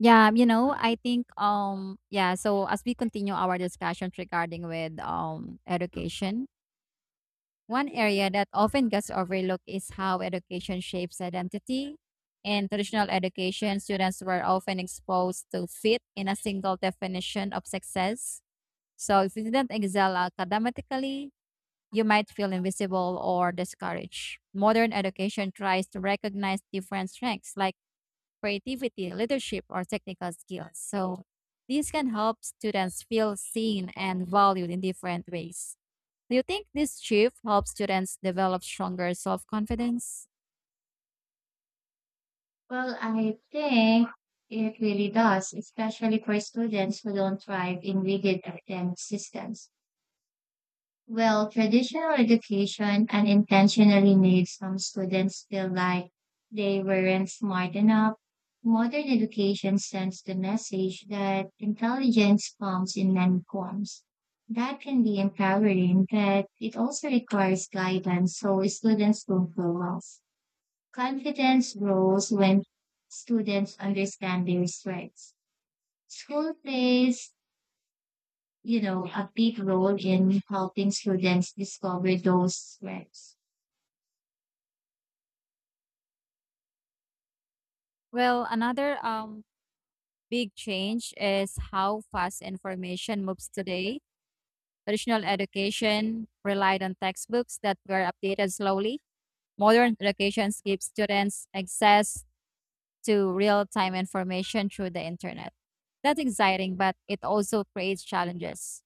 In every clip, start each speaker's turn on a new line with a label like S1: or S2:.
S1: So as we continue our discussions regarding with education, one area that often gets overlooked is how education shapes identity. In traditional education, students were often exposed to fit in a single definition of success. So if you didn't excel academically, you might feel invisible or discouraged. Modern education tries to recognize different strengths like creativity, leadership, or technical skills. So these can help students feel seen and valued in different ways. Do you think this shift helps students develop stronger self confidence?
S2: Well, I think it really does, especially for students who don't thrive in rigid academic systems. Well, traditional education unintentionally made some students feel like they weren't smart enough. Modern education sends the message that intelligence comes in many forms. That can be empowering, but it also requires guidance so students don't feel lost. Confidence grows when students understand their strengths. School plays a big role in helping students discover those strengths.
S1: Well, another big change is how fast information moves today. Traditional education relied on textbooks that were updated slowly. Modern education gives students access to real time information through the internet. That's exciting, but it also creates challenges.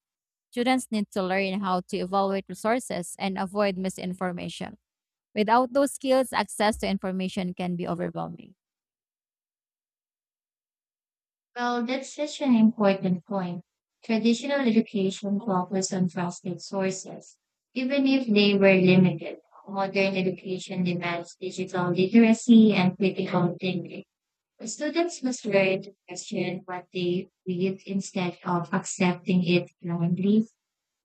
S1: Students need to learn how to evaluate resources and avoid misinformation. Without those skills, access to information can be overwhelming.
S2: Well, that's such an important point. Traditional education focused on trusted sources, even if they were limited. Modern education demands digital literacy and critical thinking. Students must learn to question what they read instead of accepting it blindly.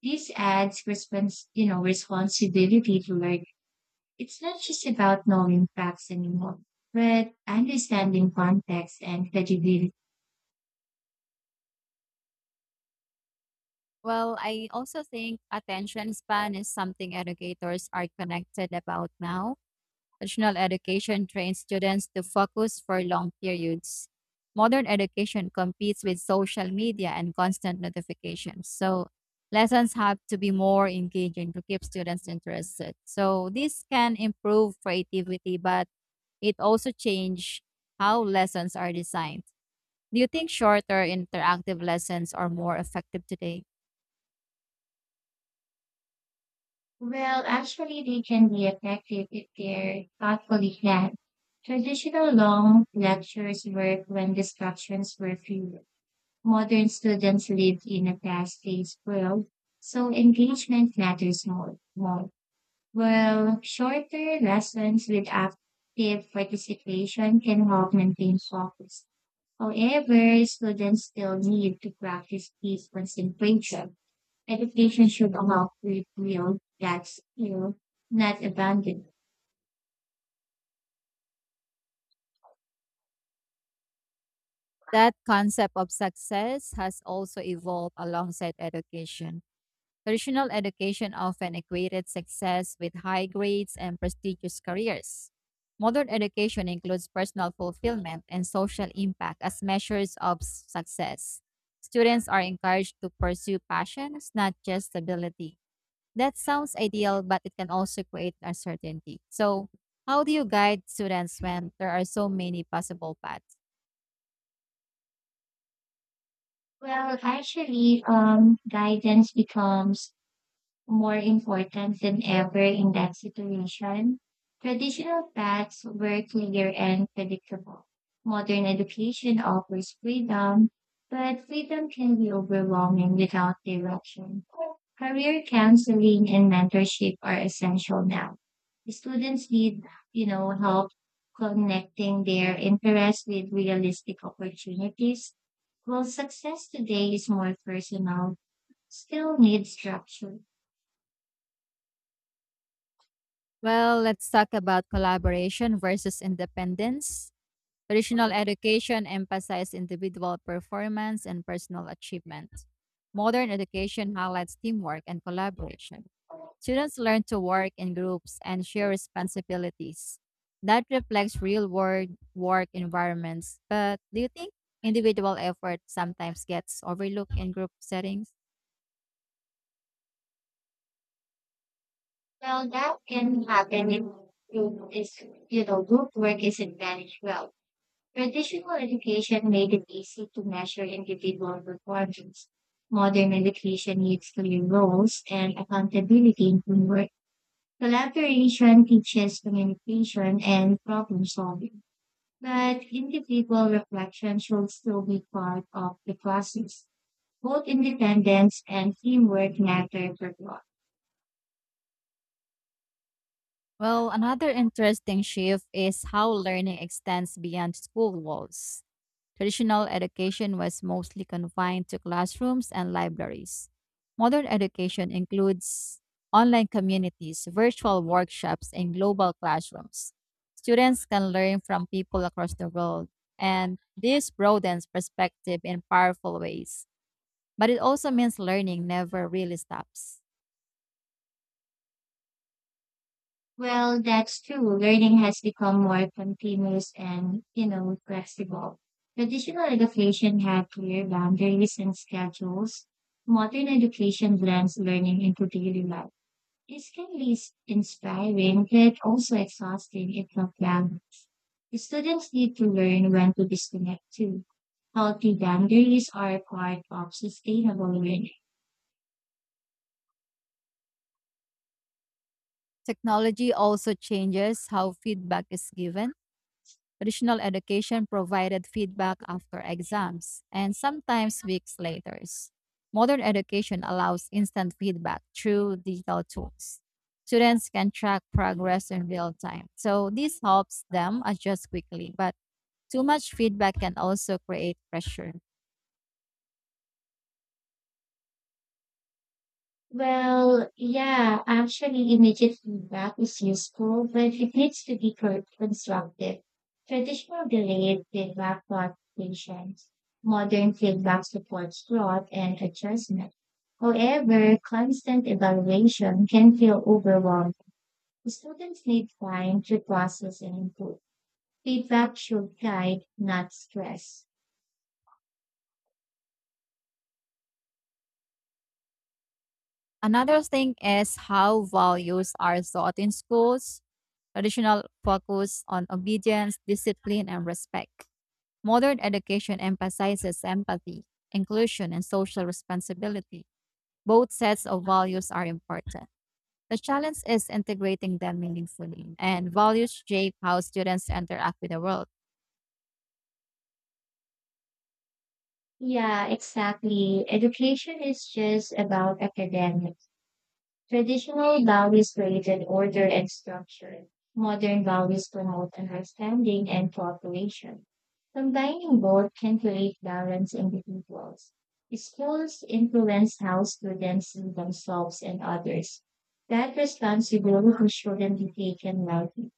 S2: This adds responsibility to like it's not just about knowing facts anymore, but understanding context and credibility.
S1: Well, I also think attention span is something educators are connected about now. Traditional education trains students to focus for long periods. Modern education competes with social media and constant notifications. So, lessons have to be more engaging to keep students interested. So, this can improve creativity, but it also change how lessons are designed. Do you think shorter interactive lessons are more effective today?
S2: Well, actually, they can be effective if they're thoughtfully planned. Traditional long lectures work when distractions were few. Modern students live in a fast-paced world, so engagement matters more. Well, shorter lessons with active participation can help maintain focus. However, students still need to practice deep concentration. Education should allow to reveal that skill, not abandon it.
S1: That concept of success has also evolved alongside education. Traditional education often equated success with high grades and prestigious careers. Modern education includes personal fulfillment and social impact as measures of success. Students are encouraged to pursue passions, not just stability. That sounds ideal, but it can also create uncertainty. So, how do you guide students when there are so many possible paths?
S2: Well, actually, guidance becomes more important than ever in that situation. Traditional paths were clear and predictable. Modern education offers freedom, but freedom can be overwhelming without direction. Career counseling and mentorship are essential now. Students need help connecting their interests with realistic opportunities. While success today is more personal, still needs structure.
S1: Well, let's talk about collaboration versus independence. Traditional education emphasizes individual performance and personal achievement. Modern education highlights teamwork and collaboration. Students learn to work in groups and share responsibilities. That reflects real world work environments. But do you think individual effort sometimes gets overlooked in group settings?
S2: Well, that can happen if group is, you know, group work isn't managed well. Traditional education made it easy to measure individual performance. Modern education needs clear roles and accountability in teamwork. Collaboration teaches communication and problem solving, but individual reflection should still be part of the process. Both independence and teamwork matter for growth.
S1: Well, another interesting shift is how learning extends beyond school walls. Traditional education was mostly confined to classrooms and libraries. Modern education includes online communities, virtual workshops, and global classrooms. Students can learn from people across the world, and this broadens perspective in powerful ways. But it also means learning never really stops.
S2: Well, that's true. Learning has become more continuous and flexible. Traditional education had clear boundaries and schedules. Modern education blends learning into daily life. This can be inspiring, yet also exhausting if not planned. Students need to learn when to disconnect too. Healthy boundaries are part of sustainable learning.
S1: Technology also changes how feedback is given. Traditional education provided feedback after exams and sometimes weeks later. Modern education allows instant feedback through digital tools. Students can track progress in real time. So this helps them adjust quickly, but too much feedback can also create pressure.
S2: Well, yeah, actually, immediate feedback is useful, but it needs to be constructive. Traditional delayed feedback taught patience. Modern feedback supports growth and adjustment. However, constant evaluation can feel overwhelming. Students need time to process and improve. Feedback should guide, not stress.
S1: Another thing is how values are taught in schools. Traditional focus on obedience, discipline, and respect. Modern education emphasizes empathy, inclusion, and social responsibility. Both sets of values are important. The challenge is integrating them meaningfully, and values shape how students interact with the world.
S2: Yeah, exactly. Education is just about academics. Traditional values created order and structure. Modern values promote understanding and cooperation. Combining both can create balanced individuals. Schools influence how students see themselves and others. That responsibility shouldn't be taken lightly.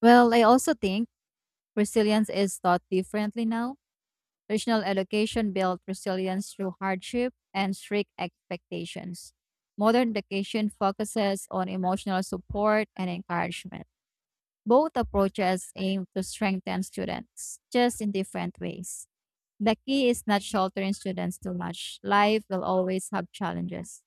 S1: Well, I also think resilience is taught differently now. Traditional education built resilience through hardship and strict expectations. Modern education focuses on emotional support and encouragement. Both approaches aim to strengthen students, just in different ways. The key is not sheltering students too much. Life will always have challenges.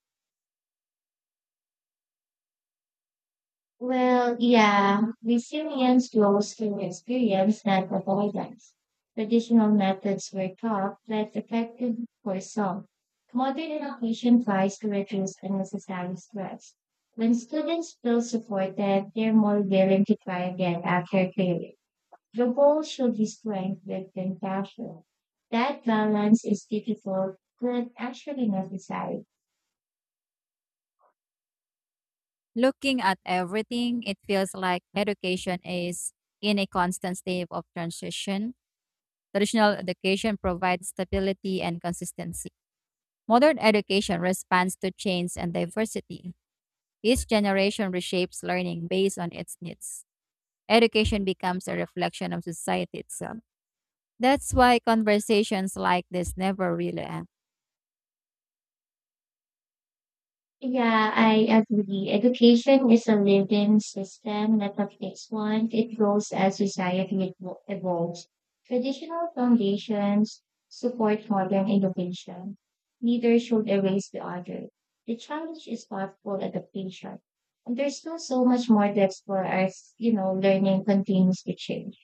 S2: Well, yeah, resilience grows through experience, not avoidance. Traditional methods were taught less effective for some. Modern education tries to reduce unnecessary stress. When students feel supported, they're more willing to try again after failure. The goal should be strength with compassion. That balance is difficult, but actually necessary.
S1: Looking at everything, it feels like education is in a constant state of transition. Traditional education provides stability and consistency. Modern education responds to change and diversity. Each generation reshapes learning based on its needs. Education becomes a reflection of society itself. That's why conversations like this never really end.
S2: Yeah, I agree. Education is a living system, not a fixed one. It grows as society evolves. Traditional foundations support modern innovation. Neither should erase the other. The challenge is thoughtful adaptation. And there's still so much more to explore as learning continues to change.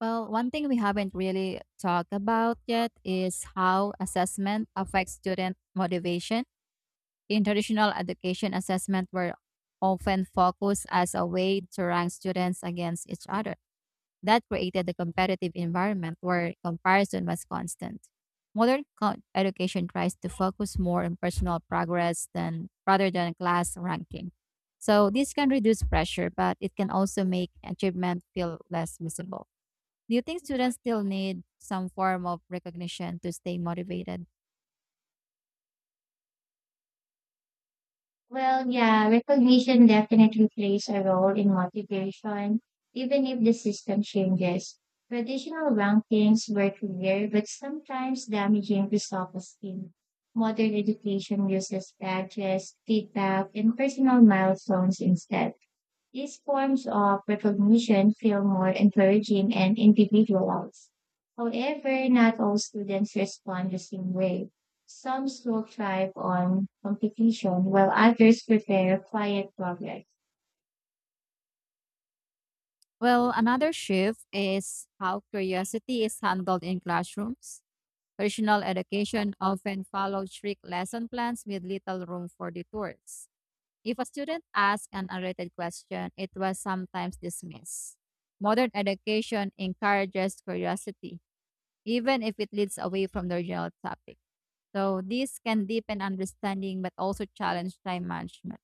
S1: Well, one thing we haven't really talked about yet is how assessment affects student motivation. In traditional education, assessment were often focused as a way to rank students against each other. That created a competitive environment where comparison was constant. Modern education tries to focus more on personal progress than rather than class ranking. So this can reduce pressure, but it can also make achievement feel less visible. Do you think students still need some form of recognition to stay motivated?
S2: Well, yeah, recognition definitely plays a role in motivation, even if the system changes. Traditional rankings were clear, but sometimes damaging to self-esteem. Modern education uses badges, feedback, and personal milestones instead. These forms of recognition feel more encouraging and individualized. However, not all students respond the same way. Some still thrive on competition, while others prefer quiet progress.
S1: Well, another shift is how curiosity is handled in classrooms. Traditional education often followed strict lesson plans with little room for detours. If a student asked an unrelated question, it was sometimes dismissed. Modern education encourages curiosity, even if it leads away from the original topic. So, this can deepen understanding but also challenge time management.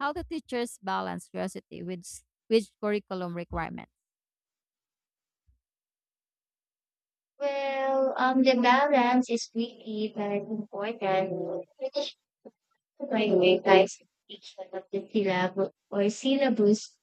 S1: How do teachers balance curiosity with curriculum requirements?
S2: Well, the balance is really very important. By the way, guys, each one of the syllab- or syllabus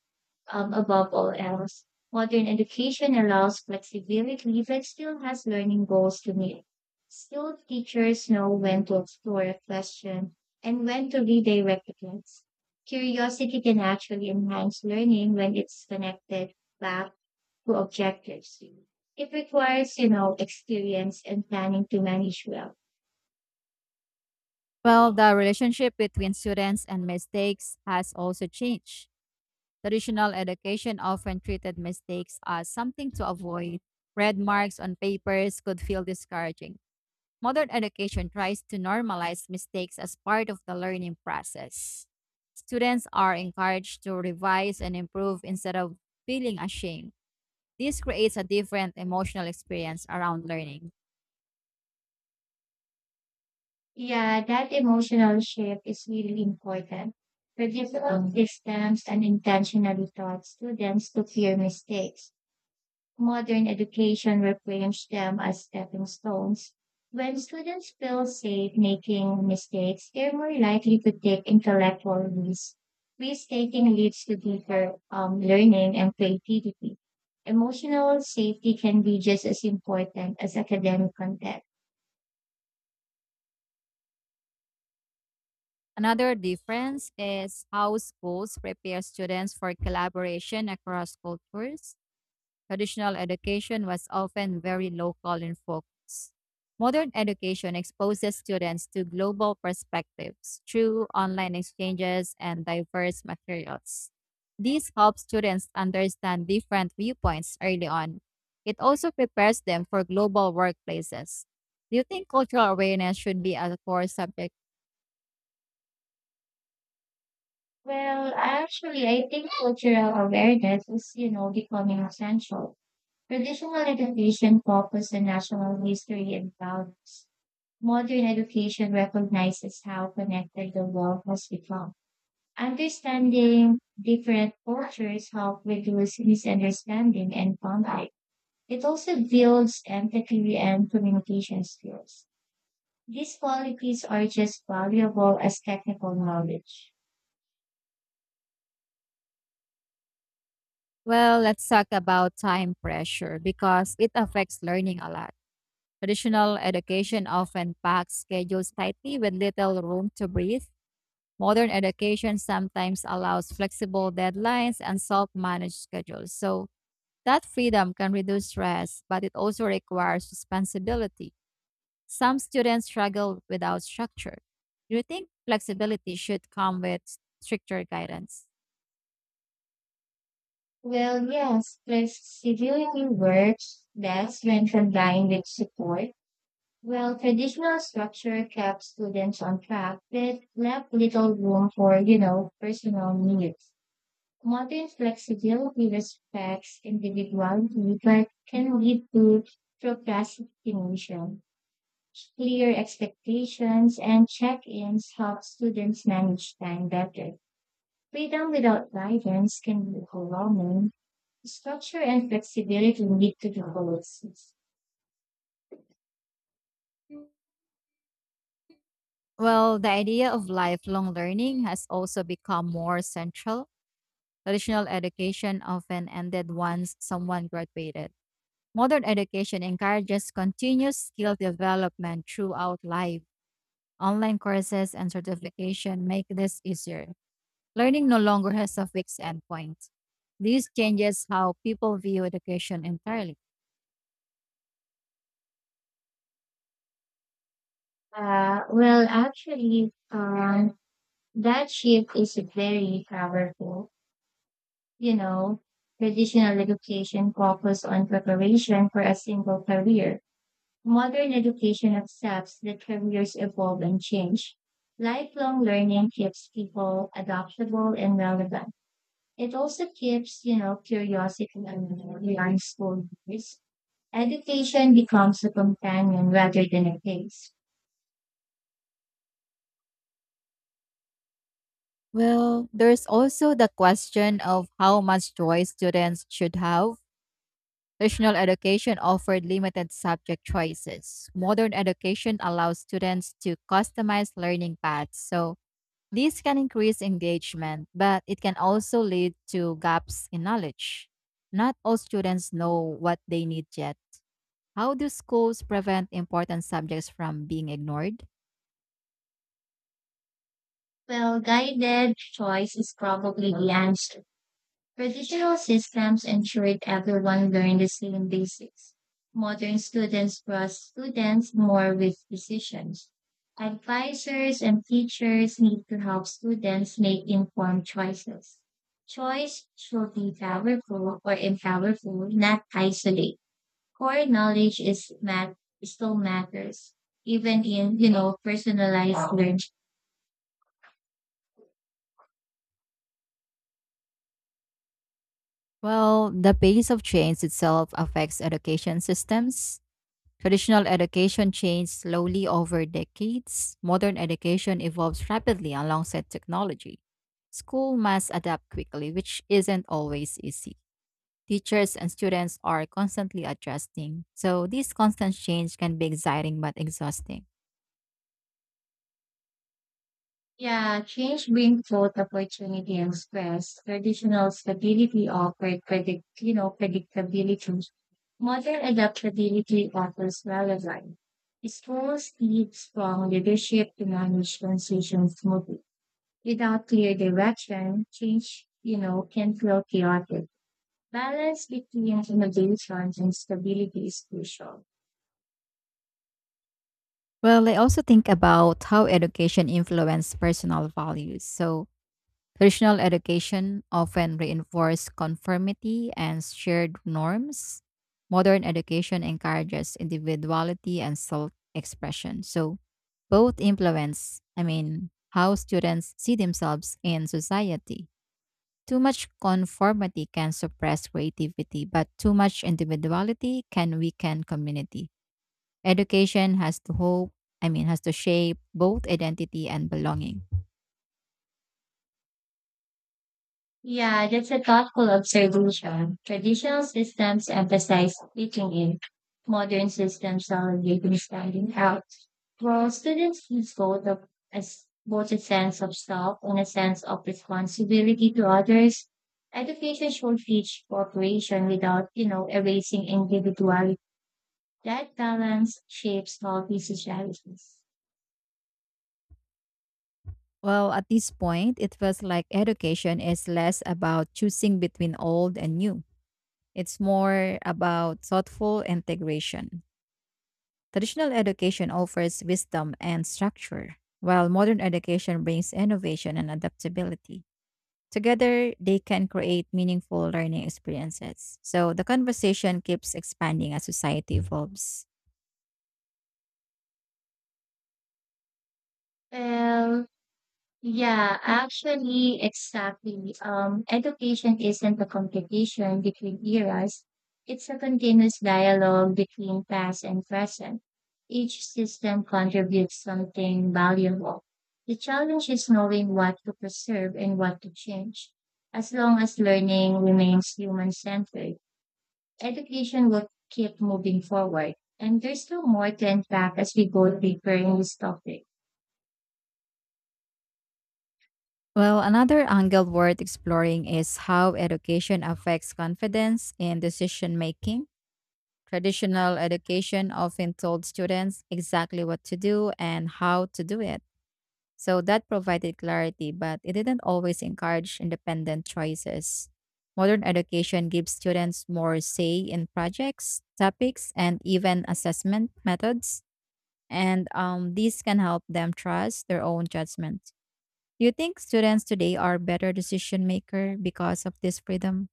S2: above all else. Modern education allows flexibility but still has learning goals to meet. Skilled teachers know when to explore a question and when to redirect the kids. Curiosity can actually enhance learning when it's connected back to objectives. It requires experience and planning to manage well.
S1: Well, the relationship between students and mistakes has also changed. Traditional education often treated mistakes as something to avoid. Red marks on papers could feel discouraging. Modern education tries to normalize mistakes as part of the learning process. Students are encouraged to revise and improve instead of feeling ashamed. This creates a different emotional experience around learning.
S2: Yeah, that emotional shift is really important. Predictable systems and intentionally taught students to fear mistakes. Modern education reframes them as stepping stones. When students feel safe making mistakes, they're more likely to take intellectual risks. Risk taking leads to deeper learning and creativity. Emotional safety can be just as important as academic content.
S1: Another difference is how schools prepare students for collaboration across cultures. Traditional education was often very local in focus. Modern education exposes students to global perspectives through online exchanges and diverse materials. This helps students understand different viewpoints early on. It also prepares them for global workplaces. Do you think cultural awareness should be a core subject?
S2: Well, actually, I think cultural awareness is becoming essential. Traditional education focuses on national history and values. Modern education recognizes how connected the world has become. Understanding different cultures help reduce misunderstanding and conflict. It also builds empathy and communication skills. These qualities are just valuable as technical knowledge.
S1: Well, let's talk about time pressure because it affects learning a lot. Traditional education often packs schedules tightly with little room to breathe. Modern education sometimes allows flexible deadlines and self managed schedules. So, that freedom can reduce stress, but it also requires responsibility. Some students struggle without structure. Do you think flexibility should come with stricter guidance?
S2: Well, yes, plus scheduling works best when combined with support. Well, traditional structure kept students on track, but left little room for personal needs. Modern flexibility respects individuality, but can lead to procrastination. Clear expectations and check-ins help students manage time better. Freedom without guidance can be overwhelming. Structure and flexibility lead to the goals.
S1: Well, the idea of lifelong learning has also become more central. Traditional education often ended once someone graduated. Modern education encourages continuous skill development throughout life. Online courses and certification make this easier. Learning no longer has a fixed endpoint. This changes how people view education entirely.
S2: Well, actually, that shift is very powerful. You know, traditional education focuses on preparation for a single career. Modern education accepts that careers evolve and change. Lifelong learning keeps people adaptable and relevant. It also keeps curiosity and young school. Education becomes a companion rather than a case.
S1: Well, there's also the question of how much choice students should have. Traditional education offered limited subject choices. Modern education allows students to customize learning paths. So, this can increase engagement, but it can also lead to gaps in knowledge. Not all students know what they need yet. How do schools prevent important subjects from being ignored?
S2: Well, guided choice is probably the answer. Traditional systems ensured everyone learned the same basics. Modern students trust students more with decisions. Advisors and teachers need to help students make informed choices. Choice should be powerful or empowerful, not isolate. Core knowledge is mat still matters, even in personalized learning.
S1: Well, the pace of change itself affects education systems. Traditional education changed slowly over decades. Modern education evolves rapidly alongside technology. School must adapt quickly, which isn't always easy. Teachers and students are constantly adjusting, so this constant change can be exciting but exhausting.
S2: Yeah, change brings both opportunity and stress. Traditional stability offered predictability. Modern adaptability offers relevance. Schools need strong leadership to manage transitions smoothly. Without clear direction, change, can feel chaotic. Balance between innovation and stability is crucial.
S1: Well, I also think about how education influences personal values. So, traditional education often reinforces conformity and shared norms. Modern education encourages individuality and self expression. So, both influence, I mean, how students see themselves in society. Too much conformity can suppress creativity, but too much individuality can weaken community. Education has to hope, I mean, has to shape both identity and belonging.
S2: Yeah, that's a thoughtful observation. Traditional systems emphasize fitting in. Modern systems celebrating standing out. Well, students lose both of as both a sense of self and a sense of responsibility to others. Education should teach cooperation without erasing individuality. That balance shapes healthy societies.
S1: Well, at this point, it feels like education is less about choosing between old and new. It's more about thoughtful integration. Traditional education offers wisdom and structure, while modern education brings innovation and adaptability. Together, they can create meaningful learning experiences. So the conversation keeps expanding as society evolves.
S2: Well, yeah, actually, exactly. Education isn't a competition between eras. It's a continuous dialogue between past and present. Each system contributes something valuable. The challenge is knowing what to preserve and what to change. As long as learning remains human-centered, education will keep moving forward. And there's still more to unpack as we go deeper in this topic.
S1: Well, another angle worth exploring is how education affects confidence in decision making. Traditional education often told students exactly what to do and how to do it. So that provided clarity, but it didn't always encourage independent choices. Modern education gives students more say in projects, topics, and even assessment methods, and these can help them trust their own judgment. Do you think students today are better decision maker because of this freedom?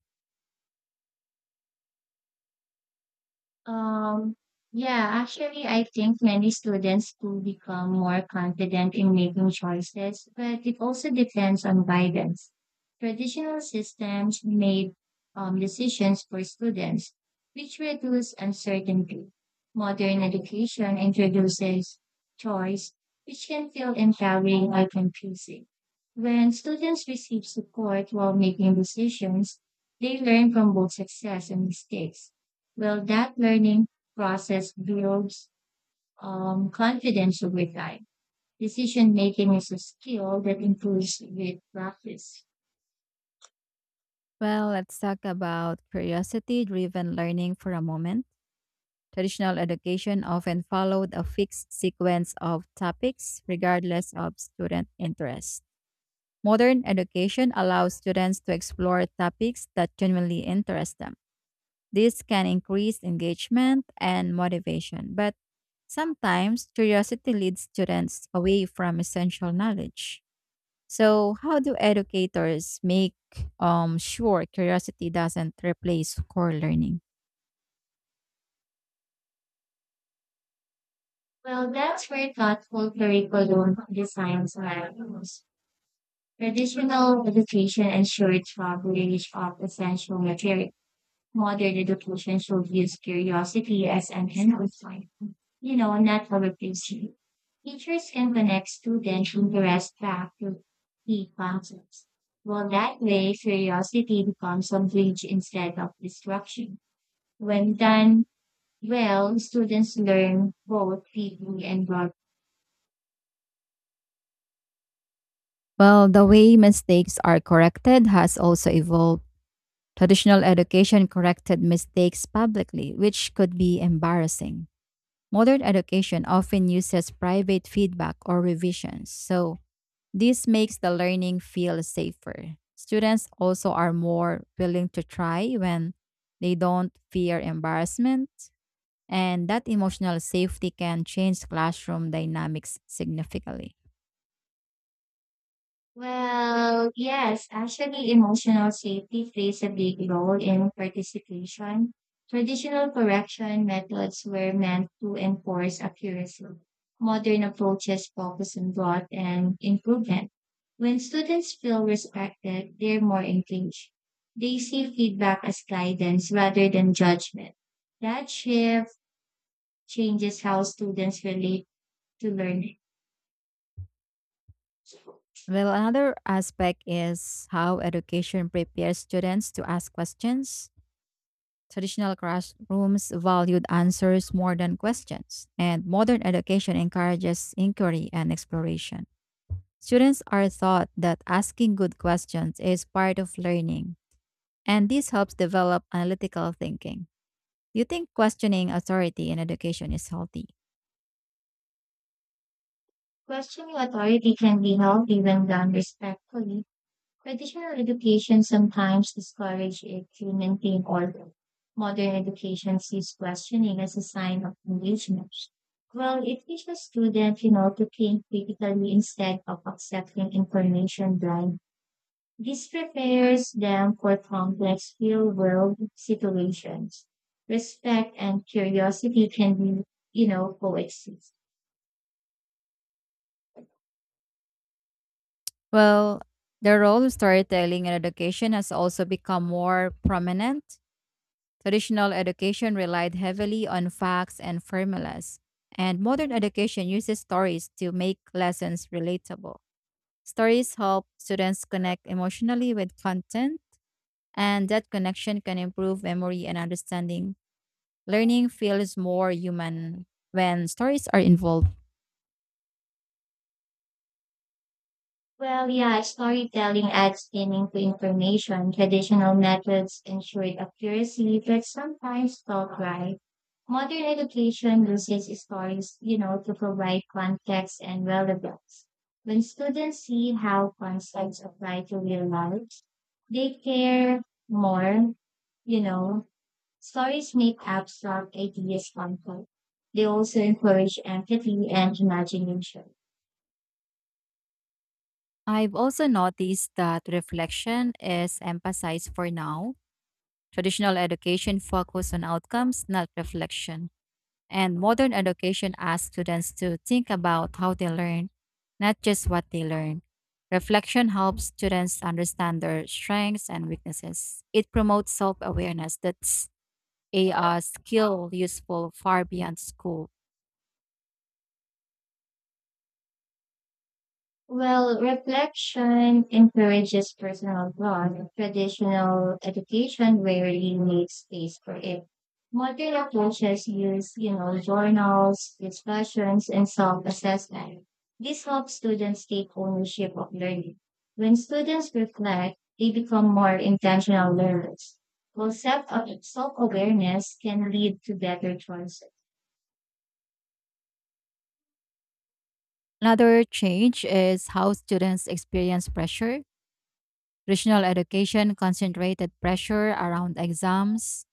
S2: Um, yeah, actually, I think many students do become more confident in making choices, but it also depends on guidance. Traditional systems made decisions for students, which reduce uncertainty. Modern education introduces choice, which can feel empowering or confusing. When students receive support while making decisions, they learn from both success and mistakes. Well, that learning process builds confidence over time. Decision making is a skill that improves with practice.
S1: Well, let's talk about curiosity driven learning for a moment. Traditional education often followed a fixed sequence of topics, regardless of student interest. Modern education allows students to explore topics that genuinely interest them. This can increase engagement and motivation, but sometimes curiosity leads students away from essential knowledge. So, how do educators make sure curiosity doesn't replace core learning?
S2: Well, that's where thoughtful curriculum designs are used. Traditional education ensures coverage of essential materials. Modern education should use curiosity as an enhancement, not a replacement. Teachers can connect student interest back to key concepts. Well, that way, curiosity becomes a bridge instead of distraction. When done well, students learn both reading and writing.
S1: Well, the way mistakes are corrected has also evolved. Traditional education corrected mistakes publicly, which could be embarrassing. Modern education often uses private feedback or revisions, so this makes the learning feel safer. Students also are more willing to try when they don't fear embarrassment, and that emotional safety can change classroom dynamics significantly.
S2: Well, yes, actually, emotional safety plays a big role in participation. Traditional correction methods were meant to enforce accuracy. Modern approaches focus on growth and improvement. When students feel respected, they're more engaged. They see feedback as guidance rather than judgment. That shift changes how students relate to learning.
S1: Well, another aspect is how education prepares students to ask questions. Traditional classrooms valued answers more than questions, and modern education encourages inquiry and exploration. Students are taught that asking good questions is part of learning, and this helps develop analytical thinking. Do you think questioning authority in education is healthy?
S2: Questioning authority can be healthy when done respectfully. Traditional education sometimes discourages it to maintain order. Modern education sees questioning as a sign of engagement. Well, it teaches students, to think critically instead of accepting information blind. This prepares them for complex real-world situations. Respect and curiosity can be, coexist.
S1: Well, the role of storytelling in education has also become more prominent. Traditional education relied heavily on facts and formulas, and modern education uses stories to make lessons relatable. Stories help students connect emotionally with content, and that connection can improve memory and understanding. Learning feels more human when stories are involved.
S2: Well, yeah, storytelling adds meaning to information. Traditional methods ensured accuracy, but sometimes felt right. Modern education uses stories, to provide context and relevance. When students see how concepts apply to real lives, they care more, you know. Stories make abstract ideas complex. They also encourage empathy and imagination.
S1: I've also noticed that reflection is emphasized for now. Traditional education focuses on outcomes, not reflection. And modern education asks students to think about how they learn, not just what they learn. Reflection helps students understand their strengths and weaknesses. It promotes self awareness that's a skill useful far beyond school.
S2: Well, reflection encourages personal growth. Traditional education rarely makes space for it. Modern approaches use journals, discussions, and self-assessment. This helps students take ownership of learning. When students reflect, they become more intentional learners. Well, self-awareness can lead to better choices.
S1: Another change is how students experience pressure. Traditional education concentrated pressure around exams,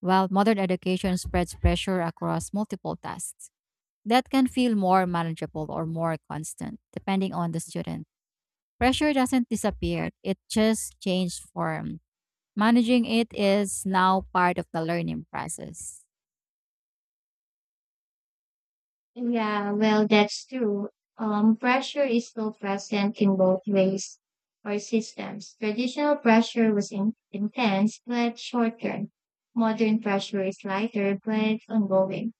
S1: while modern education spreads pressure across multiple tasks. That can feel more manageable or more constant, depending on the student. Pressure doesn't disappear, it just changed form. Managing it is now part of the learning process.
S2: Yeah, well, that's true. Pressure is still present in both ways or systems. Traditional pressure was intense but short term. Modern pressure is lighter but ongoing.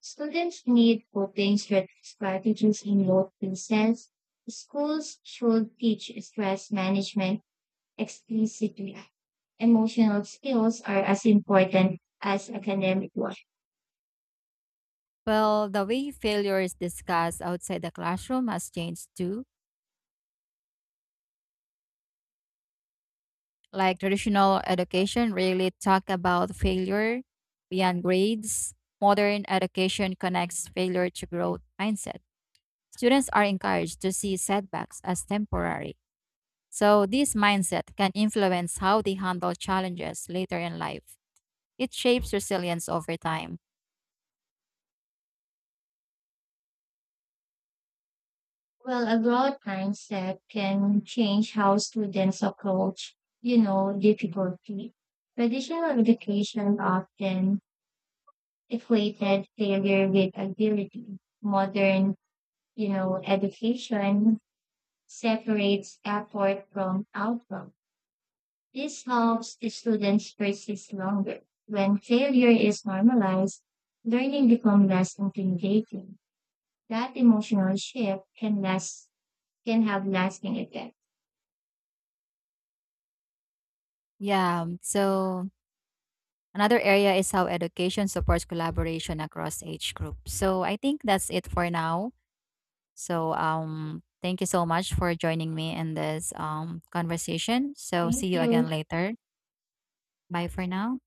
S2: Students need coping strategies in both cases. Schools should teach stress management explicitly. Emotional skills are as important as academic ones.
S1: Well, the way failure is discussed outside the classroom has changed too. Like traditional education really talk about failure beyond grades. Modern education connects failure to growth mindset. Students are encouraged to see setbacks as temporary. So, this mindset can influence how they handle challenges later in life. It shapes resilience over time.
S2: Well, a broad mindset can change how students approach, difficulty. Traditional education often equated failure with ability. Modern, education separates effort from outcome. This helps the students persist longer. When failure is normalized, learning becomes less intimidating. That emotional shift can last, can have lasting effect.
S1: Yeah, so another area is how education supports collaboration across age groups. So, I think that's it for now. So, thank you so much for joining me in this conversation. So, see
S2: Thank
S1: you again
S2: you.
S1: later. Bye for now.